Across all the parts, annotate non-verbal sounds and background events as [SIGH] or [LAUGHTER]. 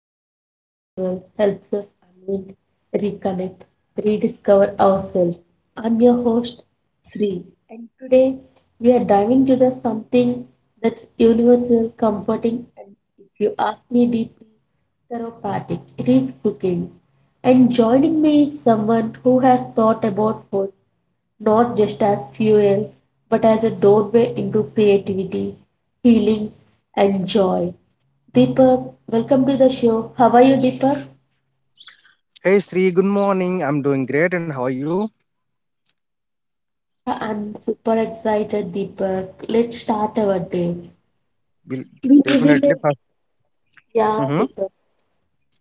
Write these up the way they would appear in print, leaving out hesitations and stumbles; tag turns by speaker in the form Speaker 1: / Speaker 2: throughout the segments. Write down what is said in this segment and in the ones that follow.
Speaker 1: everyday rituals helps us unwind, reconnect, rediscover ourselves. I'm your host Sri, and today we are diving into the something that's universal, comforting, and if you ask me deeply, therapeutic. It is cooking. And joining me is someone who has thought about food not just as fuel but as a doorway into creativity, healing, and joy. Deepak, welcome to the show. How are you, Deepak?
Speaker 2: Hey Sri, good morning. I'm doing great, and how are you?
Speaker 1: Yeah, I'm super excited, Deepak. Let's start our day.
Speaker 2: Will
Speaker 1: We live in
Speaker 2: definitely.
Speaker 1: a yeah,
Speaker 2: Mm-hmm.
Speaker 1: Deepak.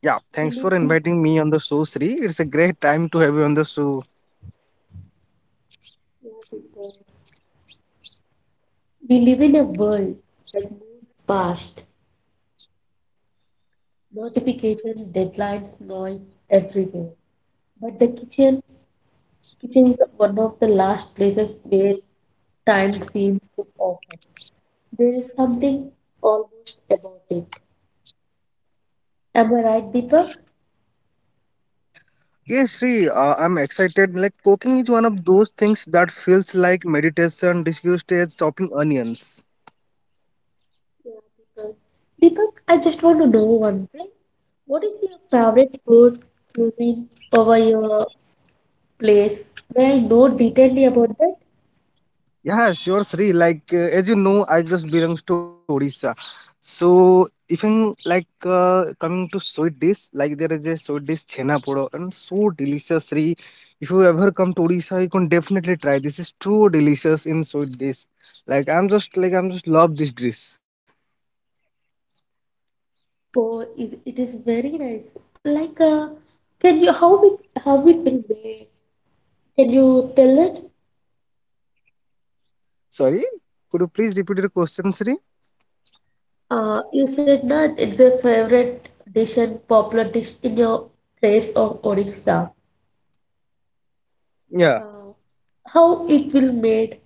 Speaker 2: Yeah,
Speaker 1: We
Speaker 2: thanks
Speaker 1: live
Speaker 2: for
Speaker 1: in a,
Speaker 2: inviting me on the show, Sri. It's a great time to have you on the show.
Speaker 1: yeah, Deepak. We live in a world that moves fast, notification, deadlines, noise everywhere. But kitchen is one of the last places where time seems to often. There is something almost about it. Am I right, Deepak?
Speaker 2: Yes, Sri, I'm excited. Like cooking is one of those things that feels like meditation disguised as chopping onions.
Speaker 1: Yeah, Deepak. Deepak, I just want to know one thing. What is your favorite food cuisine over your place? May I know detailedly about that?
Speaker 2: Yeah, sure, Sri. Like as you know, I just belongs to Odisha. So even like coming to sweet dish, like there is a sweet dish chhena podo and so delicious, Sri. If you ever come to Odisha, you can definitely try. This is too delicious in sweet dish. Like I'm just love this dish.
Speaker 1: Oh, is it is very nice. Like, can you how we can make. Can you tell it?
Speaker 2: Sorry, could you please repeat your question, Sri?
Speaker 1: You said that it's a favorite dish and popular dish in your place of Odisha.
Speaker 2: Yeah.
Speaker 1: Uh, how it will made?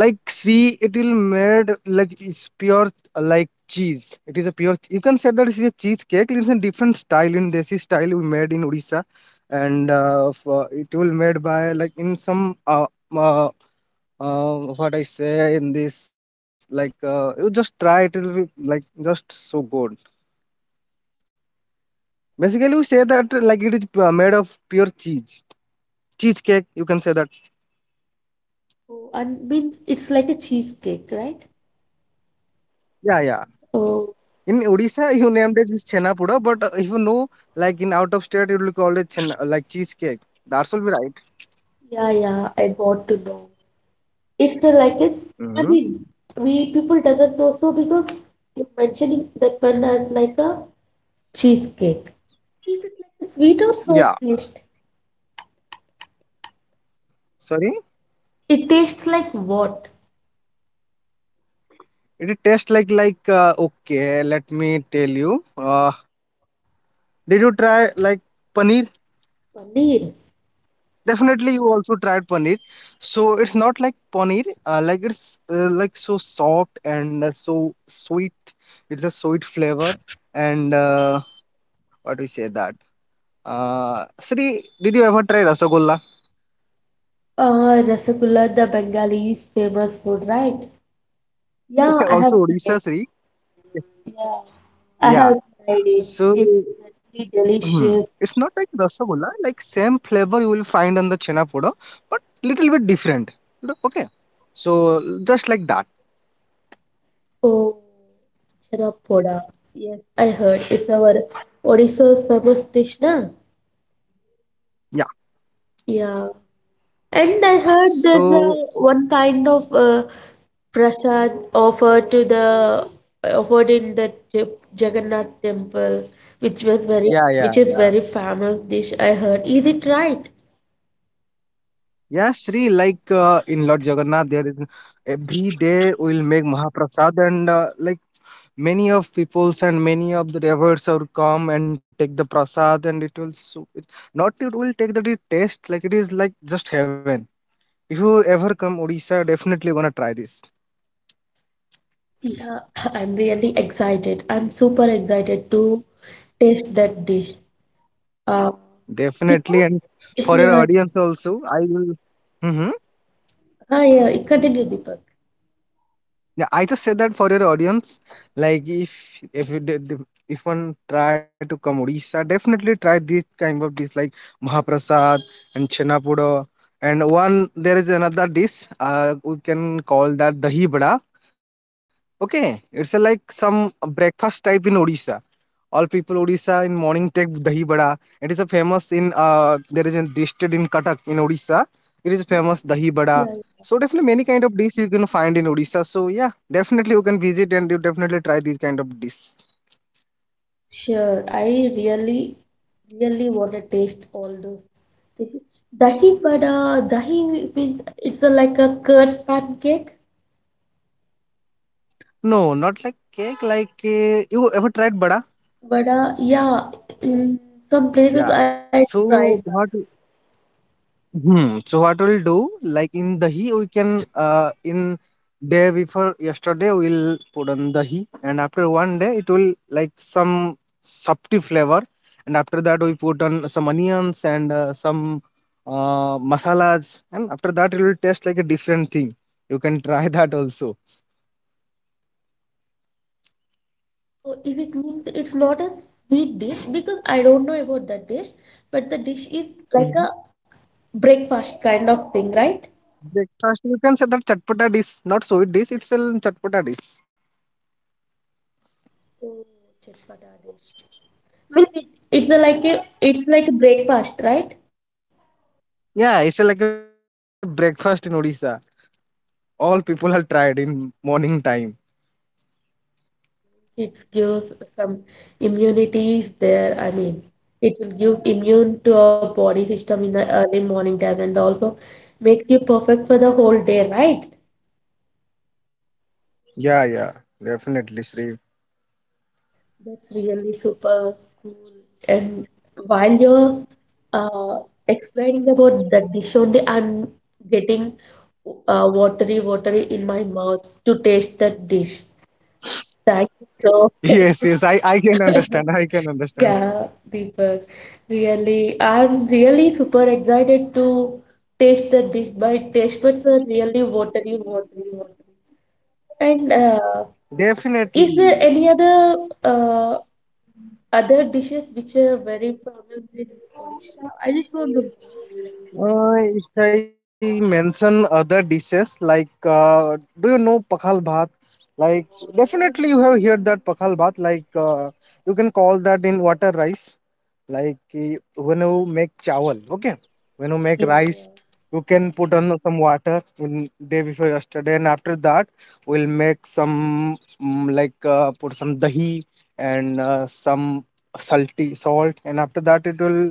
Speaker 2: Like see it will made like it's pure like cheese, it is a pure, you can say that it is a cheesecake. It's a different style, in desi style we made in Odisha. And for, it will made by like in some uh, what I say in this like, you just try, it will be like just so good. Basically we say that like it is made of pure cheese, cheesecake you can say that.
Speaker 1: Oh, and means it's like a cheesecake, right?
Speaker 2: Yeah, yeah.
Speaker 1: Oh,
Speaker 2: In Odisha, you named it as Chennapura, but if you know, like in out of state, it will call it chenna, like cheesecake. That's all be right.
Speaker 1: yeah, yeah, I got to know. It's a, like a, I
Speaker 2: Mm-hmm.
Speaker 1: mean, we people doesn't know so because you're mentioning that one as like a cheesecake. Is it like a sweet or sour
Speaker 2: Yeah.
Speaker 1: taste?
Speaker 2: Sorry.
Speaker 1: It tastes like what?
Speaker 2: It tastes like okay, let me tell you. Did you try like paneer?
Speaker 1: Paneer.
Speaker 2: Definitely, you also tried paneer. So it's not like paneer. Like it's like so soft and so sweet. It's a sweet flavor. And what do you say that? Sri, did you ever try rasagolla?
Speaker 1: Rasagulla, the Bengali's famous food, right? Yeah,
Speaker 2: [LAUGHS]
Speaker 1: I have
Speaker 2: Also
Speaker 1: tried
Speaker 2: Odisha,
Speaker 1: it.
Speaker 2: Sri.
Speaker 1: Yeah, I
Speaker 2: Yeah.
Speaker 1: have tried it.
Speaker 2: So
Speaker 1: It's very delicious.
Speaker 2: hmm, it's not like Rasagolla, like same flavor you will find on the Chena Poda, but little bit different. You know. Okay. So just like that.
Speaker 1: Oh, Chanapoda. Yes, I heard. It's our Odisha's famous dish, na?
Speaker 2: Yeah.
Speaker 1: Yeah. And I heard there's a,
Speaker 2: So
Speaker 1: one kind of prasad offered to the offered in the Jagannath temple, which was
Speaker 2: yeah, yeah,
Speaker 1: very
Speaker 2: yeah.
Speaker 1: which is very famous dish I heard. Is it right?
Speaker 2: Yeah, Sri, like in Lord Jagannath, there is every day we will make Mahaprasad, and like many of peoples and many of the revers are come and take the prasad, and it will so it, not it will take, that it taste like it is like just heaven. If you ever come Odisha, definitely you're gonna try this.
Speaker 1: Yeah, [COUGHS] [LAUGHS] I'm really excited. I'm super excited to taste that dish. Uh, Deepak?
Speaker 2: Definitely, and for your
Speaker 1: Yeah,
Speaker 2: audience also, I will. Hmm.
Speaker 1: ah, yeah, continue, Deepak.
Speaker 2: Yeah, I just said that for your audience. Like if if one try to come Odisha, definitely try this kind of dish like Mahaprasad and Chenapudo. And one there is another dish. We can call that dahi bada. Okay, it's a, like some breakfast type in Odisha. All people Odisha in morning take dahi bada. It is a famous in there is a district in Cuttack in Odisha. It is famous dahi bada.
Speaker 1: Yeah, yeah.
Speaker 2: So definitely many kind of dish you can find in Odisha. So yeah, definitely you can visit and you definitely try these kind of dish.
Speaker 1: Sure. I really, really want to taste all those things. Dahi vada, dahi means it's a, like a curd pancake.
Speaker 2: No, not like cake. Like you ever tried bada?
Speaker 1: Vada, yeah, in some places
Speaker 2: Yeah.
Speaker 1: I tried that.
Speaker 2: So what? Mhm. So what we'll do, like in dahi, we can in day before yesterday we'll put on dahi, and after one day it will like some subtle flavor, and after that we put on some onions and some masalas, and after that it will taste like a different thing. You can try [LAUGHS] that also.
Speaker 1: Oh, is it means it's not a sweet dish because I don't know about that dish, but the dish is like
Speaker 2: Hmm.
Speaker 1: a breakfast kind of thing, right?
Speaker 2: Breakfast, you can say that chatpata dish, not so sweet dish, it's a chatpata dish.
Speaker 1: Oh, chatpada dish. Means it, it's a like a it's like a breakfast, right?
Speaker 2: Yeah, it's like a breakfast in Odisha. All people have tried in morning time.
Speaker 1: It gives some immunity is there. I mean, it will give immune to our body system in the early morning time and also makes you perfect for the whole day, right?
Speaker 2: Yeah, yeah, definitely, Sri.
Speaker 1: That's really super cool. And while you're uh, explaining about the dish only, I'm getting watery, watery in my mouth to taste that dish. Thank you so
Speaker 2: Yes, yes, I can understand.
Speaker 1: [LAUGHS]
Speaker 2: I can understand.
Speaker 1: yeah, Deepak, really, I'm really super excited to taste the dish. My taste buds are really watery, watery, watery. And is
Speaker 2: Definitely.
Speaker 1: there any other uh, other dishes which are very famous in Odisha. I just want to know.
Speaker 2: If I mention other dishes like, do you know pakhal bhat? Like, definitely you have heard that pakhal bhat. Like, you can call that in water rice. Like when you make chawal, okay? When you make
Speaker 1: Yeah,
Speaker 2: rice,
Speaker 1: yeah.
Speaker 2: you can put on some water in day before yesterday, and after that, we'll make some like put some dahi and some salty salt, and after that, it will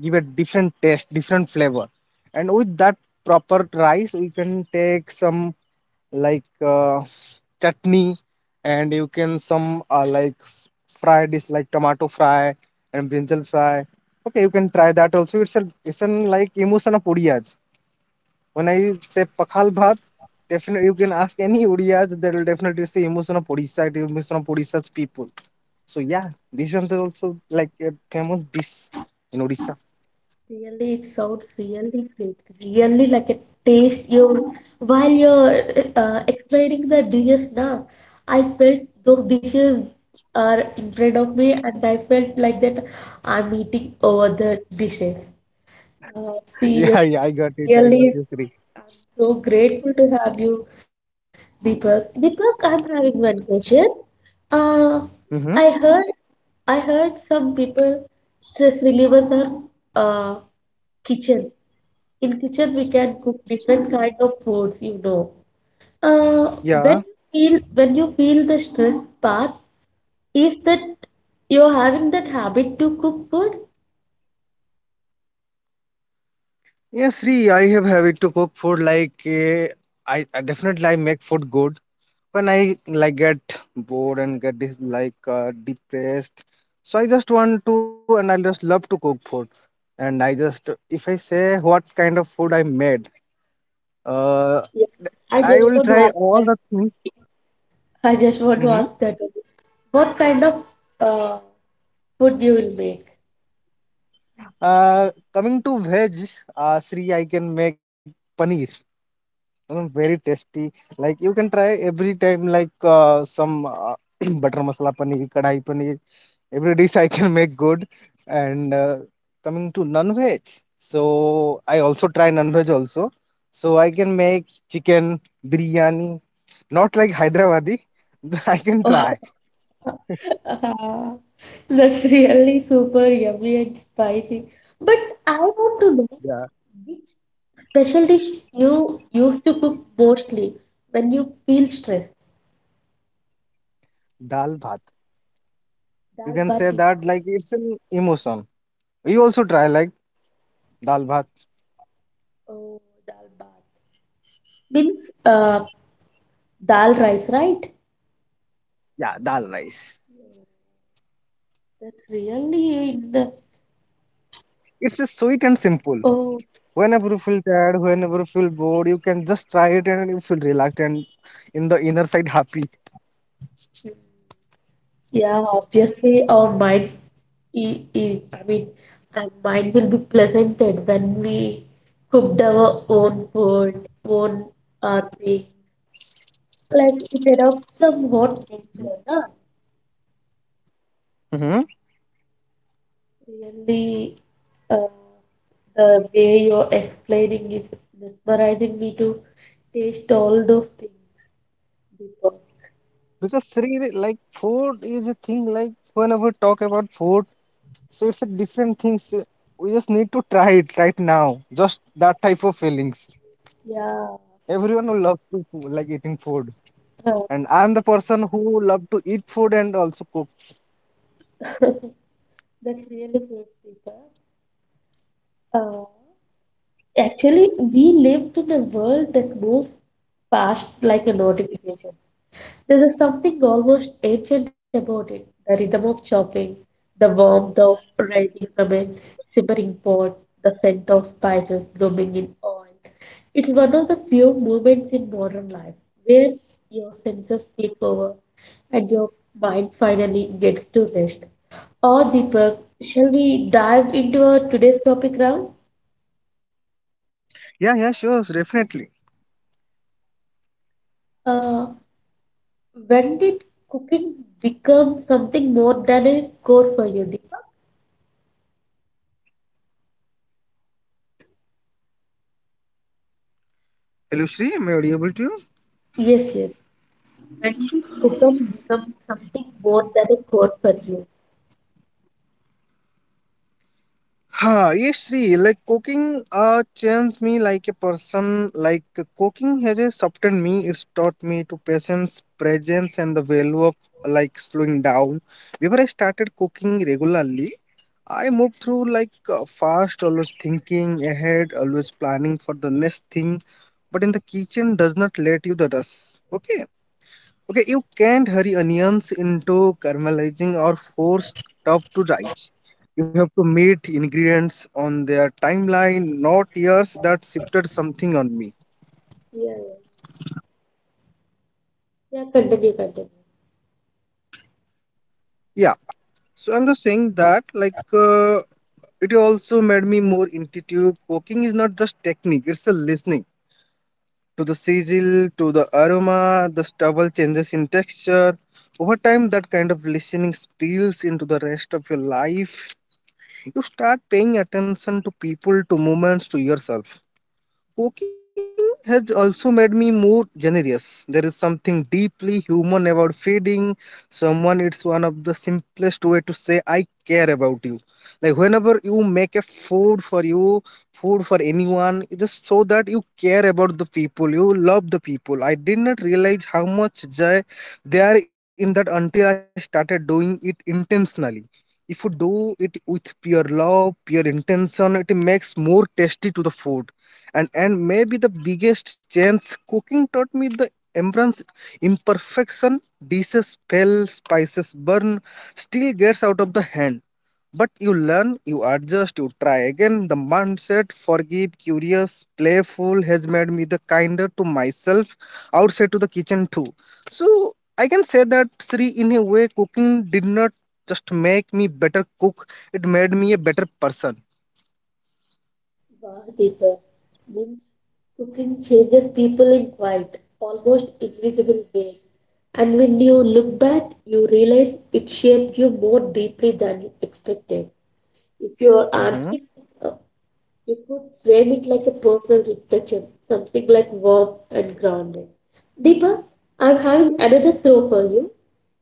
Speaker 2: give a different taste, different flavor. And with that proper rice, we can take some like chutney, and you can some like fried is like tomato fry and brinjal fry. Okay, you can try that also. It's a, it's an like emotion of udiyas. When I say pakhal bhat, definitely you can ask any udiyas, that will definitely say emotion of Odisha, the emotion of Odisha's people. So yeah, this one is also like a famous dish in Odisha.
Speaker 1: Really, it sounds really great. Really like a taste. You while you're explaining the dishes now, I felt those dishes are in front of me, and I felt like that I'm eating over the dishes.
Speaker 2: [LAUGHS] Yeah, yeah,
Speaker 1: Seriously,
Speaker 2: I got it, I got
Speaker 1: really
Speaker 2: you, Sri.
Speaker 1: I'm so grateful to have you, Deepak. Deepak, I'm having one question. Uh, I
Speaker 2: Hmm.
Speaker 1: heard I heard some people stress relievers are uh, kitchen. In kitchen, we can cook different kind of foods, you know.
Speaker 2: Yeah,
Speaker 1: When you feel the stress part, is that you're having that habit to cook food?
Speaker 2: yeah, Sri, I have habit to cook food like I definitely I make food good when I like get bored and get like depressed. So I just want to, and I just love to cook food. And I just, if I say what kind of food I made, uh,
Speaker 1: Yeah, I
Speaker 2: I
Speaker 1: just
Speaker 2: will
Speaker 1: want to
Speaker 2: try
Speaker 1: ask
Speaker 2: all
Speaker 1: that.
Speaker 2: the things.
Speaker 1: I just want to
Speaker 2: Hmm.
Speaker 1: ask that only. What kind of uh, food you will make?
Speaker 2: Uh, coming to veg, Sri, I can make paneer. Mm, very tasty. Like you can try every time, like some [CLEARS THROAT] butter masala paneer, kadai paneer. Every dish I can make good. And coming to non-veg, so I also try non-veg also. So I can make chicken biryani, not like Hyderabadi. [LAUGHS] I can try.
Speaker 1: [LAUGHS] Oh, that's really super yummy and spicy. But I want to know
Speaker 2: Yeah,
Speaker 1: which special dish you used to cook mostly when you feel stressed.
Speaker 2: dal bhat. You
Speaker 1: Dal
Speaker 2: can say
Speaker 1: bati.
Speaker 2: that like it's an emotion. We also try like dal bhat.
Speaker 1: Oh, dal bat. Means dal rice, right?
Speaker 2: Yeah, dal rice.
Speaker 1: That's really in the
Speaker 2: It's a sweet and simple.
Speaker 1: oh.
Speaker 2: Whenever you feel tired, whenever you feel bored, you can just try it and you feel relaxed and in the inner side happy.
Speaker 1: Yeah, obviously our minds, e e I mean, our mind will be pleasanted when we cooked our own food, own thing. Like it erupts some hot nature, na?
Speaker 2: Hmm.
Speaker 1: Really, uh, the way you're explaining is mesmerizing me to taste all those things, Deepa.
Speaker 2: Because Sri, like food is a thing. Like whenever we talk about food, so it's a different thing. So we just need to try it right now. Just that type of feelings.
Speaker 1: Yeah,
Speaker 2: Everyone will love to like eating food,
Speaker 1: uh,
Speaker 2: and I'm the person who love to eat food and also cook.
Speaker 1: [LAUGHS] that's really good, Deepa. Uh, Actually, we live in a world that moves fast like a notification. There is something almost ancient about it. The rhythm of chopping, the warmth of rising from a simmering pot, the scent of spices blooming in oil. It's one of the few moments in modern life where your senses take over and your mind finally gets to rest. Or Deepak, shall we dive into our today's topic round?
Speaker 2: Yeah, yeah, sure, definitely.
Speaker 1: Uh, When did cooking become something more than a core for you, Deepa?
Speaker 2: Hello, Sri, am I audible to you?
Speaker 1: Yes, yes. When did cooking become something more than a core for you?
Speaker 2: Huh, yes, Sri. Like cooking changed me like a person. Like cooking has softened me. It's taught me to patience, presence, and the value of like slowing down. Before I started cooking regularly, I moved through like fast, always thinking ahead, always planning for the next thing. But in the kitchen, does not let you the rush. Okay. Okay, you can't hurry onions into caramelizing or force stuff to rise. You have to meet ingredients on their timeline, not years that shifted something on me.
Speaker 1: Yeah, yeah. Yeah, continue, continue.
Speaker 2: Yeah, so I'm just saying that, like, it also made me more intuitive. Cooking is not just technique, it's a listening to the sizzle, to the aroma, the stubble changes in texture. Over time, that kind of listening spills into the rest of your life. You start paying attention to people, to movements, to yourself. Cooking has also made me more generous. There is something deeply human about feeding someone. It's one of the simplest way to say I care about you. Like whenever you make a food for you, food for anyone, just so that you care about the people, you love the people. I did not realize how much joy they are in that until I started doing it intentionally. If you do it with pure love, pure intention, it makes more tasty to the food. And maybe the biggest chance cooking taught me the embrace imperfection. Dishes fail, spices burn, still gets out of the hand, but you learn, you adjust, you try again. The mindset forgive, curious, playful has made me the kinder to myself outside to the kitchen too. So I can say that Sri, in a way, cooking did not just make me better cook, it made me a better person.
Speaker 1: Wow, Deepa. Means cooking changes people in quite, almost invisible ways. And when you look back, you realize it shaped you more deeply than you expected. If your answer
Speaker 2: Hmm.
Speaker 1: is you could frame it like a personal reflection, something like warm and grounded. Deepa, I'm having another throw for you.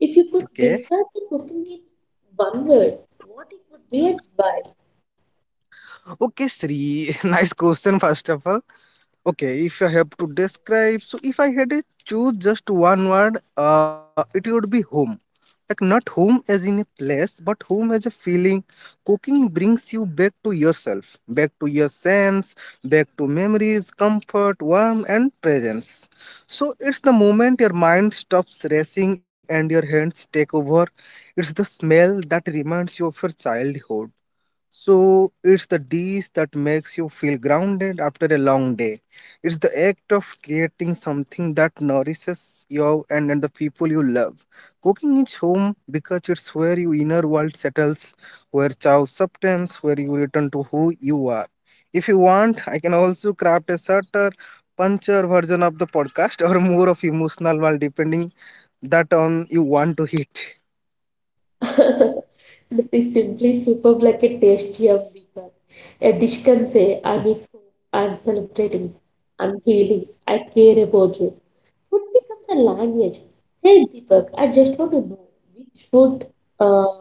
Speaker 1: If you could
Speaker 2: Okay.
Speaker 1: describe the cooking in one word, what it would be and why?
Speaker 2: Okay, Sri, [LAUGHS] nice question, first of all.
Speaker 1: Yeah,
Speaker 2: Okay,
Speaker 1: yeah.
Speaker 2: if I have to describe, so if I had to choose just one word, it would be home. Like, not home as in a place, but home as a feeling. Cooking brings you back to yourself, back to your sense, back to memories, comfort, warmth, and presence. So, it's the moment your mind stops racing and your hands take over. It's the smell that reminds you of your childhood, so it's the dish that makes you feel grounded after a long day. It's the act of creating something that nourishes you and the people you love. Cooking is home because it's where your inner world settles, where chow subtends, where you return to who you are. If you want, I can also craft a shorter, puncher version of the podcast [LAUGHS] or more of emotional while depending that on you want to hit.
Speaker 1: [LAUGHS] That is simply superb like a tasty of Deepak. A dish can say, I'm his home, I'm celebrating, I'm healing, I care about you. Food becomes a language. Hey Deepak, I just want to know which food uh,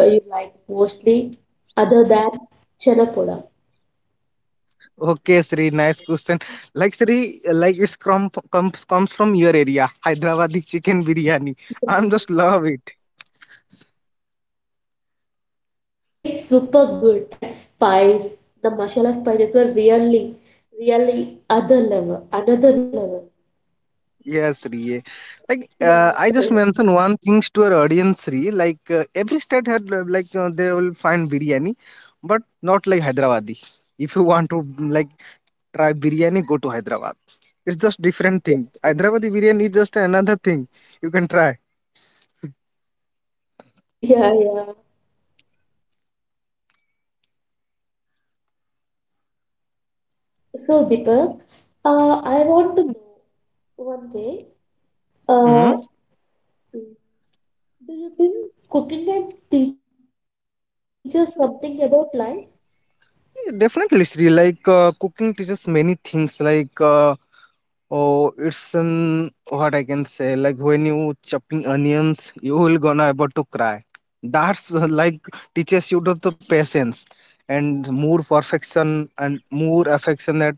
Speaker 1: you like mostly other than chanapoda?
Speaker 2: Okay, Sri, nice question. Like Sri, like it's from comes from your area, Hyderabadi chicken biryani. I'm
Speaker 1: Yes.
Speaker 2: just love it.
Speaker 1: It tastes super good and spice. The masala spices were really, really other level, another level.
Speaker 2: Yes, Sri. Yeah.
Speaker 1: Yeah, [LAUGHS]
Speaker 2: I just
Speaker 1: correct.
Speaker 2: mentioned one things to our audience, Sri. Every state had they will find biryani, but not like Hyderabadi. If you want to like try biryani, go to Hyderabad. It's just different thing. Hyderabadi biryani is just another thing you can try.
Speaker 1: Yeah, yeah. So Deepak, I want to know one day.
Speaker 2: hmm
Speaker 1: Uh, do you think cooking can teach us something about life?
Speaker 2: Definitely, Sri. Cooking teaches many things. Oh, it's an what I can say, like when you chopping onions, you will gonna able to cry. That's like teaches you to the patience and more perfection and more affectionate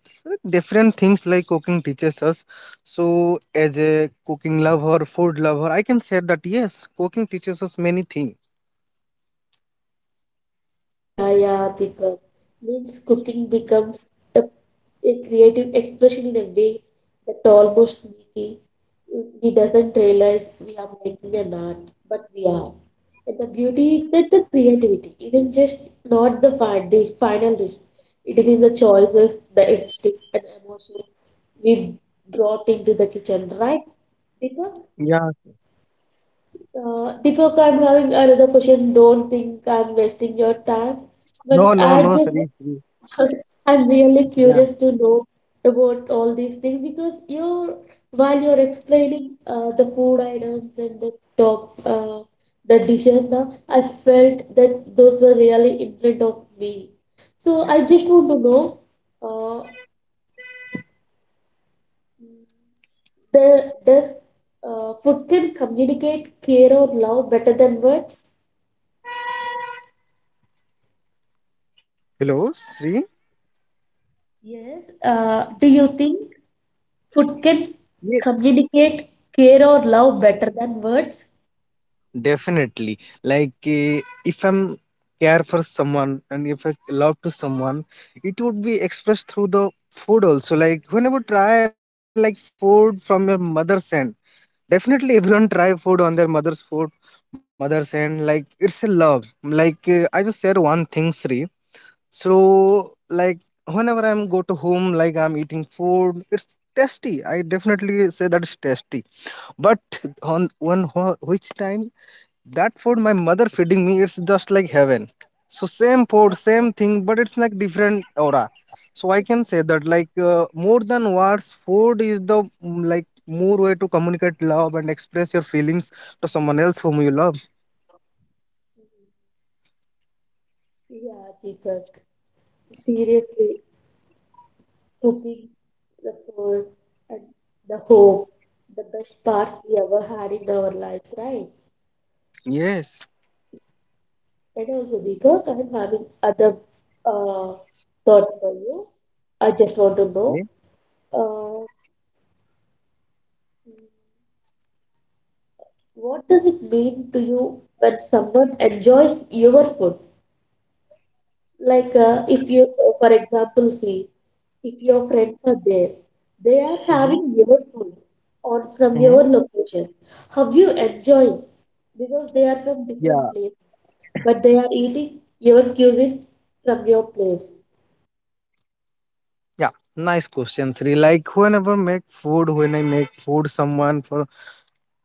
Speaker 2: different things like cooking teaches us. So as a cooking lover, food lover, I can say that yes, cooking teaches us many things.
Speaker 1: Yeah, yeah, Deepak. Means cooking becomes a, a creative expression in a way that almost sneaky. We doesn't realize we are making an art, but we are. And the beauty is that the creativity isn't just not the final dish. It is in the choices, the instincts, and emotions we brought into the kitchen, right? Deepak,
Speaker 2: Yeah.
Speaker 1: Deepak, I'm having another question. Don't think I'm wasting your time.
Speaker 2: No,
Speaker 1: But
Speaker 2: no,
Speaker 1: I
Speaker 2: no, Sri,
Speaker 1: just
Speaker 2: Sri.
Speaker 1: [LAUGHS] I'm really
Speaker 2: Yeah.
Speaker 1: curious to know about all these things because you're while you're explaining the food items and the top the dishes now, I felt that those were really in front of me. So I just want to know, uh, the does food can communicate care or love better than words?
Speaker 2: Hello, Sri.
Speaker 1: Yes. Do you think food can communicate care or love better than words?
Speaker 2: Definitely. If I'm care for someone and if I love to someone, it would be expressed through the food also. Like whenever try like food from your mother's hand, definitely [LAUGHS] everyone try food on their mother's food, mother's hand. Like it's a love. I just share one thing, Sri. So like whenever I'm go to home, like I'm eating food, it's tasty. I definitely say that it's tasty. But on one which time that food my mother feeding me, it's just like heaven. So same food, same thing, but it's like different aura. So I can say that more than words, food is the like more way to communicate love and express your feelings to someone else whom you love.
Speaker 1: Yeah, Deepak. Seriously, cooking, the food, and the hope, the best parts we ever had in our lives, right?
Speaker 2: Yes.
Speaker 1: And also, Deepak, I'm having other uh, thought for you. I just want to know uh, what does it mean to you when someone enjoys your food? Like, if you, for example, see, if your friends are there, they are
Speaker 2: Mm-hmm.
Speaker 1: having your food on from
Speaker 2: Mm-hmm.
Speaker 1: your location. How you enjoy? Because they are from
Speaker 2: Yeah,
Speaker 1: different place, but they are eating your cuisine from your place.
Speaker 2: yeah. Nice question, Sri. Like whenever make food, when I make food someone for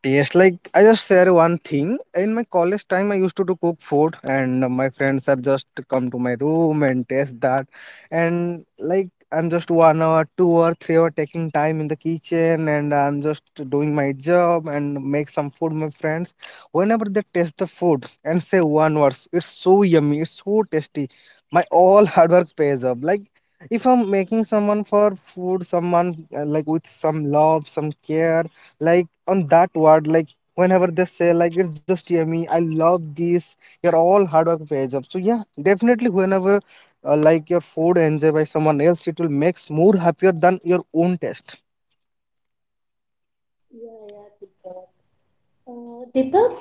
Speaker 2: taste, like I just share one thing. In my college time, I used to do cook food, and my friends are just come to my room and taste that. And like I'm just 1 hour, 2 or 3 hour taking time in the kitchen, and I'm just doing my job and make some food. My friends, whenever they taste the food and say one words, it's so yummy, it's so tasty. My all hard work pays up. Like if I'm making someone for food, someone like with some love, some care, like on that word, like whenever they say like it's just yummy, I love this, you're all hard work pays up. So yeah, definitely whenever like your food enjoyed by someone else, it will makes more happier than your own taste.
Speaker 1: Yeah, yeah, Deepak. Deepak,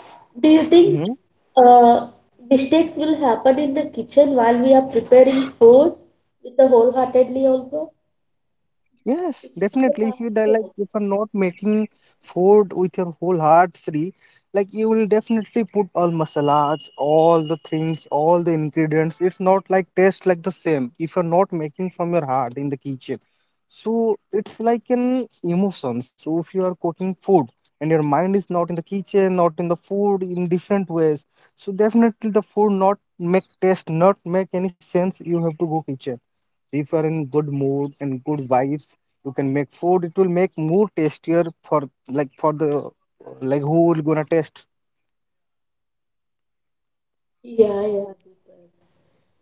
Speaker 1: do you think
Speaker 2: Mm-hmm.
Speaker 1: uh, mistakes will happen in the kitchen while we are preparing food with the wholeheartedly also?
Speaker 2: Yes,
Speaker 1: Because it's a
Speaker 2: definitely. If
Speaker 1: part
Speaker 2: you die,
Speaker 1: of
Speaker 2: like
Speaker 1: it.
Speaker 2: if you're not making food with your whole heart, Sri, like you will definitely put all masalas, all the things, all the ingredients. It's not like taste like the same if you're not making from your heart in the kitchen. So it's like an emotion. So if you are cooking food and your mind is not in the kitchen, not in the food, in different ways. So definitely the food not make taste, not make any sense. You have to go kitchen if you are in good mood and good vibes, you can make food, it will make more tastier for like for the like who will gonna taste.
Speaker 1: Yeah, yeah, Deepak.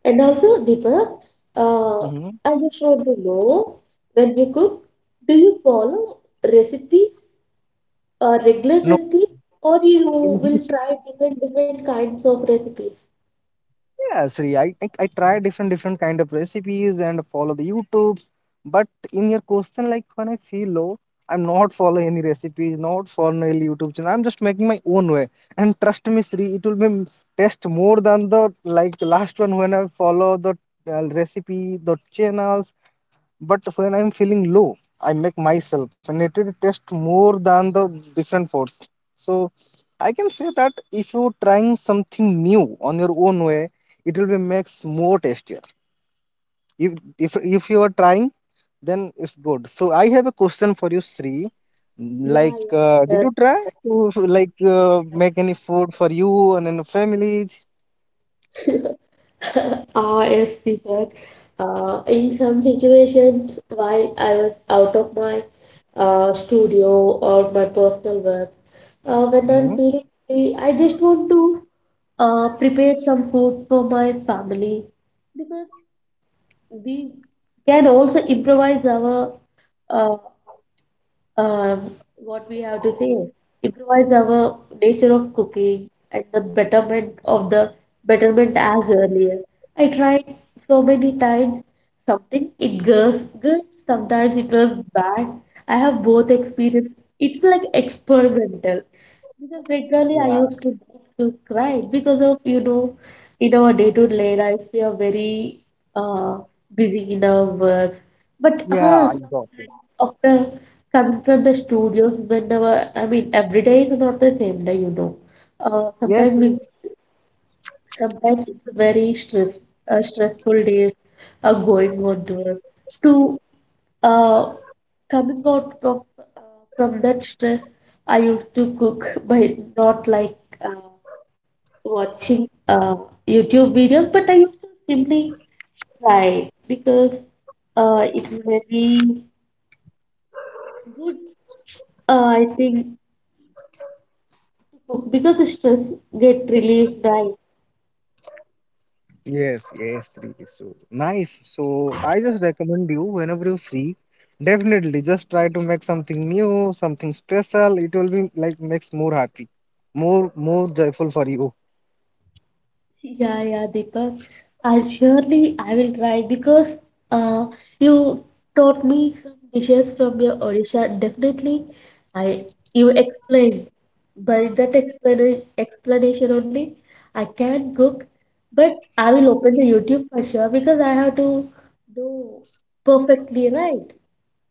Speaker 1: And also, Deepak, uh,
Speaker 2: Mm-hmm.
Speaker 1: I just want to know when you cook, do you follow recipes, regular
Speaker 2: No,
Speaker 1: recipes, or you
Speaker 2: in
Speaker 1: will
Speaker 2: this,
Speaker 1: try different different kinds of recipes?
Speaker 2: yes, Sri. I try different different kind of recipes and follow the youtubes. But in your question, like when I feel low, I'm not [LAUGHS] following any recipes, not following any YouTube channel, I'm just making my own way. And trust me, Sri, it will be taste more than the like last one when I follow the recipe, the channels. But when I'm feeling low, I make myself and it will test more than the different force. So I can say that if you're trying something new on your own way, it will be makes more tastier. If you are trying, then it's good. So I have a question for you, Sri.
Speaker 1: Yeah,
Speaker 2: Did
Speaker 1: yeah.
Speaker 2: you try to make any food for you and your families?
Speaker 1: Sure. [LAUGHS] Ah, yes, Deepak. In some situations, while I was out of my studio or my personal work, when
Speaker 2: Hmm
Speaker 1: I'm feeling free, I just want to prepared some food for my family because we can also improvise our uh, uh, what we have to say improvise our nature of cooking and the betterment of the betterment as earlier I tried so many times something it was good sometimes it was bad. I have both experience, it's like experimental because regularly I
Speaker 2: Yeah,
Speaker 1: used to cry because of you know in our day to day life we are very uh busy in our works. But
Speaker 2: yeah,
Speaker 1: ah
Speaker 2: I
Speaker 1: sometimes
Speaker 2: got it.
Speaker 1: after confront the studios whenever I mean every day is not the same day you know uh,
Speaker 2: Yes.
Speaker 1: sometimes we sometimes it's a very stress stressful days are going on to it. To uh, coming out from that stress I used to cook by not like uh, watching YouTube videos but I used to simply try because it's very good I think because stress get relieved, right?
Speaker 2: Yes, yes, really. So nice. So I just recommend you whenever you're free, definitely just try to make something new, something special. It will be like makes more happy, more joyful for you.
Speaker 1: Yeah, yeah, Deepak. I surely I will try because uh, you taught me some dishes from your Odisha. Definitely, I you explained. By that explain explanation only, I can cook. But I will open the YouTube for sure because I have to do perfectly right.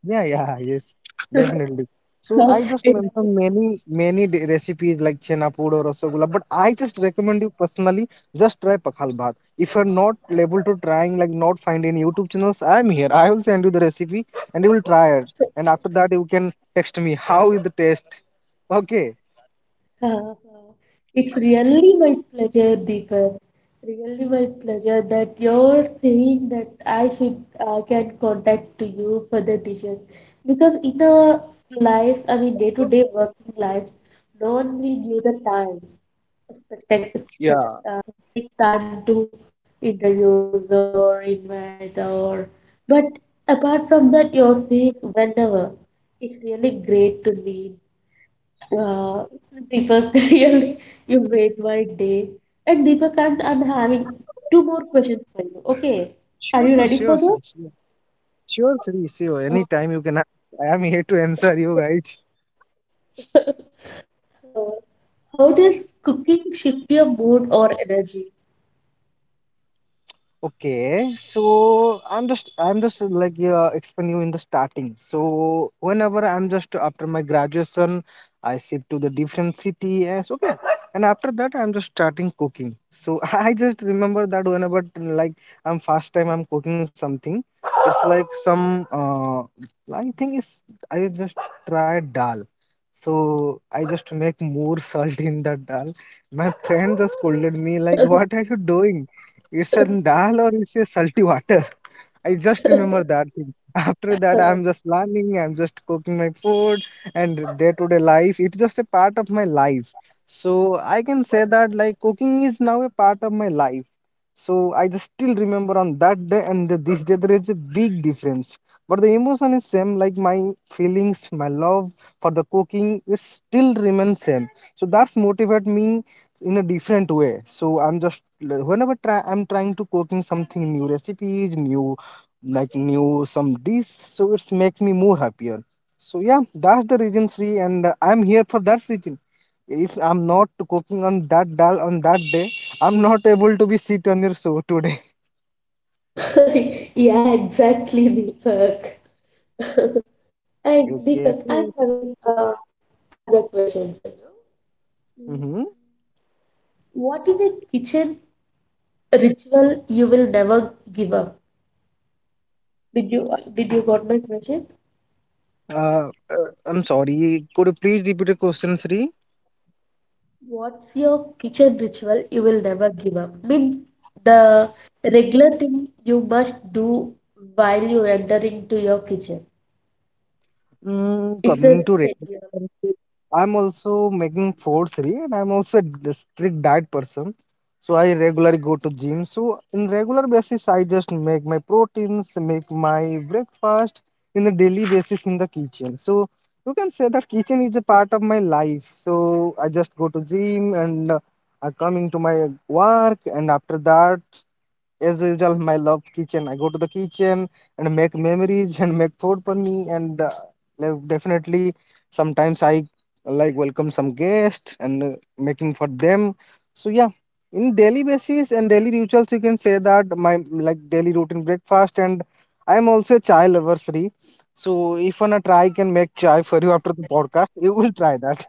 Speaker 2: Yeah, yeah, yes,
Speaker 1: [LAUGHS]
Speaker 2: definitely. So I just
Speaker 1: And
Speaker 2: mentioned many, many recipes like chena pood or rasagulla, but I just recommend you personally just try pakhal bhat. If you're not able to trying, like not find any YouTube channels, I'm here. I will send you the recipe and you will try it.
Speaker 1: all.
Speaker 2: And after that, you can text me how is the taste. Okay.
Speaker 1: [LAUGHS] Uh, It's really my pleasure, Deepak. Really my pleasure that you're saying that I should can contact to you for the dishes because in our lives, I mean day-to-day working lives, no one will give the time, expect,
Speaker 2: Yeah.
Speaker 1: specific time to interviews or invite or. But apart from that, you're saying whenever. It's really great to me uh, Deepak, [LAUGHS] really, you made my day. And Deepak, I'm having two more questions for you. Okay, are
Speaker 2: Sure,
Speaker 1: you
Speaker 2: sure,
Speaker 1: ready for this?
Speaker 2: sure, sure. Anytime you can ask. I am here to answer you guys.
Speaker 1: Uh, how does cooking shift your mood or energy?
Speaker 2: Okay, so I'm just explain you in the starting. So whenever I'm just after my graduation, I shift to the different city. Yes, okay, and after that I'm just starting cooking. So [LAUGHS] I just remember that whenever like I'm first time I'm cooking something, it's like some I think it's I just tried dal. So I just make more [LAUGHS] salt in that dal. My friend just scolded me like, "What are you doing? It's a
Speaker 1: [LAUGHS]
Speaker 2: dal or it's a salty water?" [LAUGHS] I just remember that thing. After that, I'm just learning, I'm just cooking my food and day to day life. It's just a part of my life. So I can say that like cooking is now a part of my life. So I just still remember on that day and this day there is a big difference. But the emotion is same, like my feelings, my love for the cooking, it still remains same. So that's motivate me in a different way. So I'm just whenever try, I'm trying to cooking something new recipes, new like new some dish. So it makes me more happier. So yeah, that's the reason, Sri, and I'm here for that reason. If I'm not cooking on that dal on that day, I'm not able to be sit on your show today. [LAUGHS]
Speaker 1: Yeah, exactly, Deepak. [LAUGHS] And
Speaker 2: Okay.
Speaker 1: Deepak, I'm having another question for you. Mm,
Speaker 2: Mm-hmm.
Speaker 1: what is a kitchen ritual you will never give up? Did you got my question?
Speaker 2: Uh, uh, I'm sorry. Could you please repeat the question, Sri?
Speaker 1: What's your kitchen ritual you will never give up? Means the regular thing you must do while you enter into your kitchen. It's a
Speaker 2: Coming to
Speaker 1: schedule.
Speaker 2: relationship, I'm also making 4-3 and I'm also a strict diet person. So I regularly go to gym. So in regular basis, I just make my proteins, make my breakfast in the daily basis in the kitchen. So you can say that kitchen is a part of my life. So I just go to gym and I coming to my work and after that as usual, my love kitchen. I go to the kitchen and make memories and make food for me. Definitely, sometimes I like welcome some guests and making for them. So yeah, in daily basis and daily rituals, you can say that my like daily routine breakfast. And I am also a chai lover, Sri. So if wanna try, I can make chai for you after the podcast. [LAUGHS] You will try that.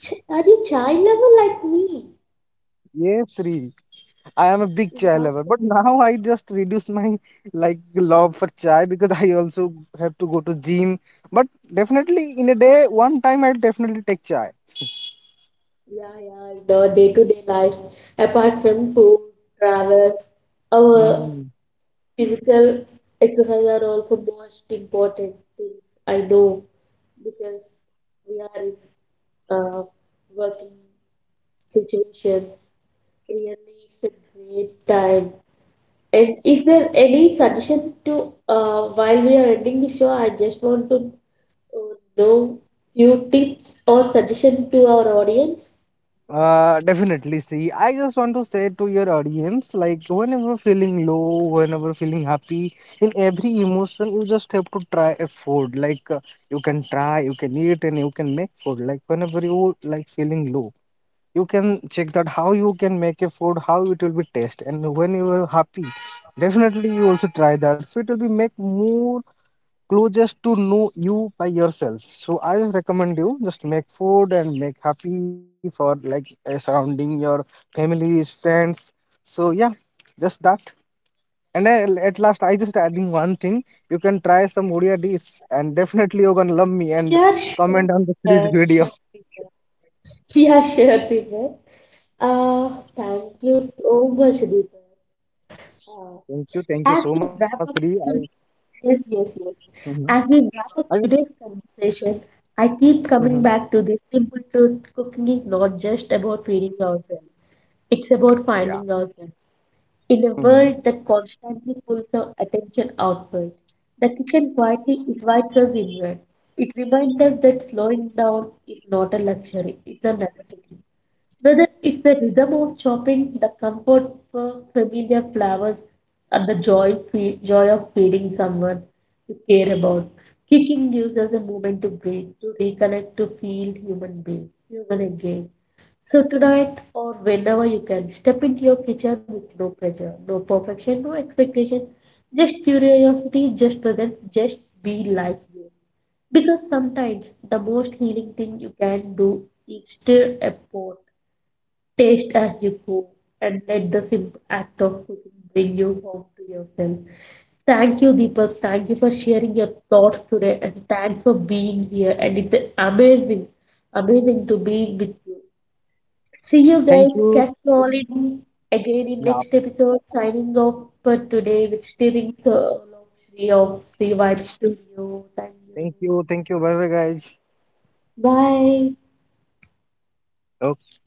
Speaker 1: Ch- Are you child level like me?
Speaker 2: [LAUGHS] Yes, Sri. I am a big chai
Speaker 1: Wow.
Speaker 2: lover, but [LAUGHS] now I just reduce my like love for chai because I also have to go to gym. But definitely in a day, one time I'll definitely take chai.
Speaker 1: Yeah, yeah. In our day-to-day lives, apart from food, travel, our
Speaker 2: Hmm.
Speaker 1: physical exercise are also most important things. I know because we are in uh, working situations. Really, it's a great time. And is there any suggestion to while we are ending the show? I just want to know few tips or suggestion to our audience.
Speaker 2: Definitely. See, I just want to say to your audience, like whenever feeling low, whenever feeling happy, in every emotion, you just have to try a food. You can try, you can eat, and you can make food. Like whenever you like feeling low, you can check that how you can make a food, how it will be taste. And when you are happy, definitely you also try that. So it will be make more closest to know you by yourself. So I just recommend you just make food and make happy for surrounding your families, friends. So yeah, just that. and I, at last I just adding one thing, you can try some odia dish and definitely you're gonna love me and
Speaker 1: Yeah,
Speaker 2: comment
Speaker 1: sure.
Speaker 2: on the series video.
Speaker 1: Sure. Yeah, sure, Deepak. Thank you so much, Deepak. Uh,
Speaker 2: [LAUGHS] Thank you, thank you
Speaker 1: as
Speaker 2: so
Speaker 1: we
Speaker 2: much, Sri.
Speaker 1: wrap
Speaker 2: i,
Speaker 1: up Yes, yes, yes.
Speaker 2: Mhm.
Speaker 1: As we wrap
Speaker 2: I
Speaker 1: up today's conversation, I keep
Speaker 2: Mhm.
Speaker 1: coming back to this simple truth. Cooking is not just about feeding ourselves, it's about
Speaker 2: Yeah.
Speaker 1: finding ourselves. In a
Speaker 2: Mm.
Speaker 1: world that constantly pulls our attention outward, the kitchen quietly invites us inward. It reminds us that slowing down is not a luxury, it's a necessity. Whether it's the rhythm of chopping, the comfort of familiar flowers, or the joy of feeding someone you care about, kicking gives us a moment to breathe, to reconnect, to feel human being, human again. So tonight or whenever you can, step into your kitchen with no pressure, no perfection, no expectation, just curiosity, just present, just be like you. Because sometimes the most healing thing you can do is stir a pot, taste as you go, and let the simple act of cooking bring you home to yourself. Thank you, Deepak. Thank you for sharing your thoughts today and thanks for being here. And it's amazing, amazing to be with you. See you
Speaker 2: Thank
Speaker 1: guys.
Speaker 2: you.
Speaker 1: Catch you all in again in
Speaker 2: Yeah.
Speaker 1: next episode. Signing off for today with Steering Circle of Sri of Three Vibe Studio. Thank you.
Speaker 2: Thank you. Thank you. Bye bye, guys.
Speaker 1: Bye.
Speaker 2: Okay.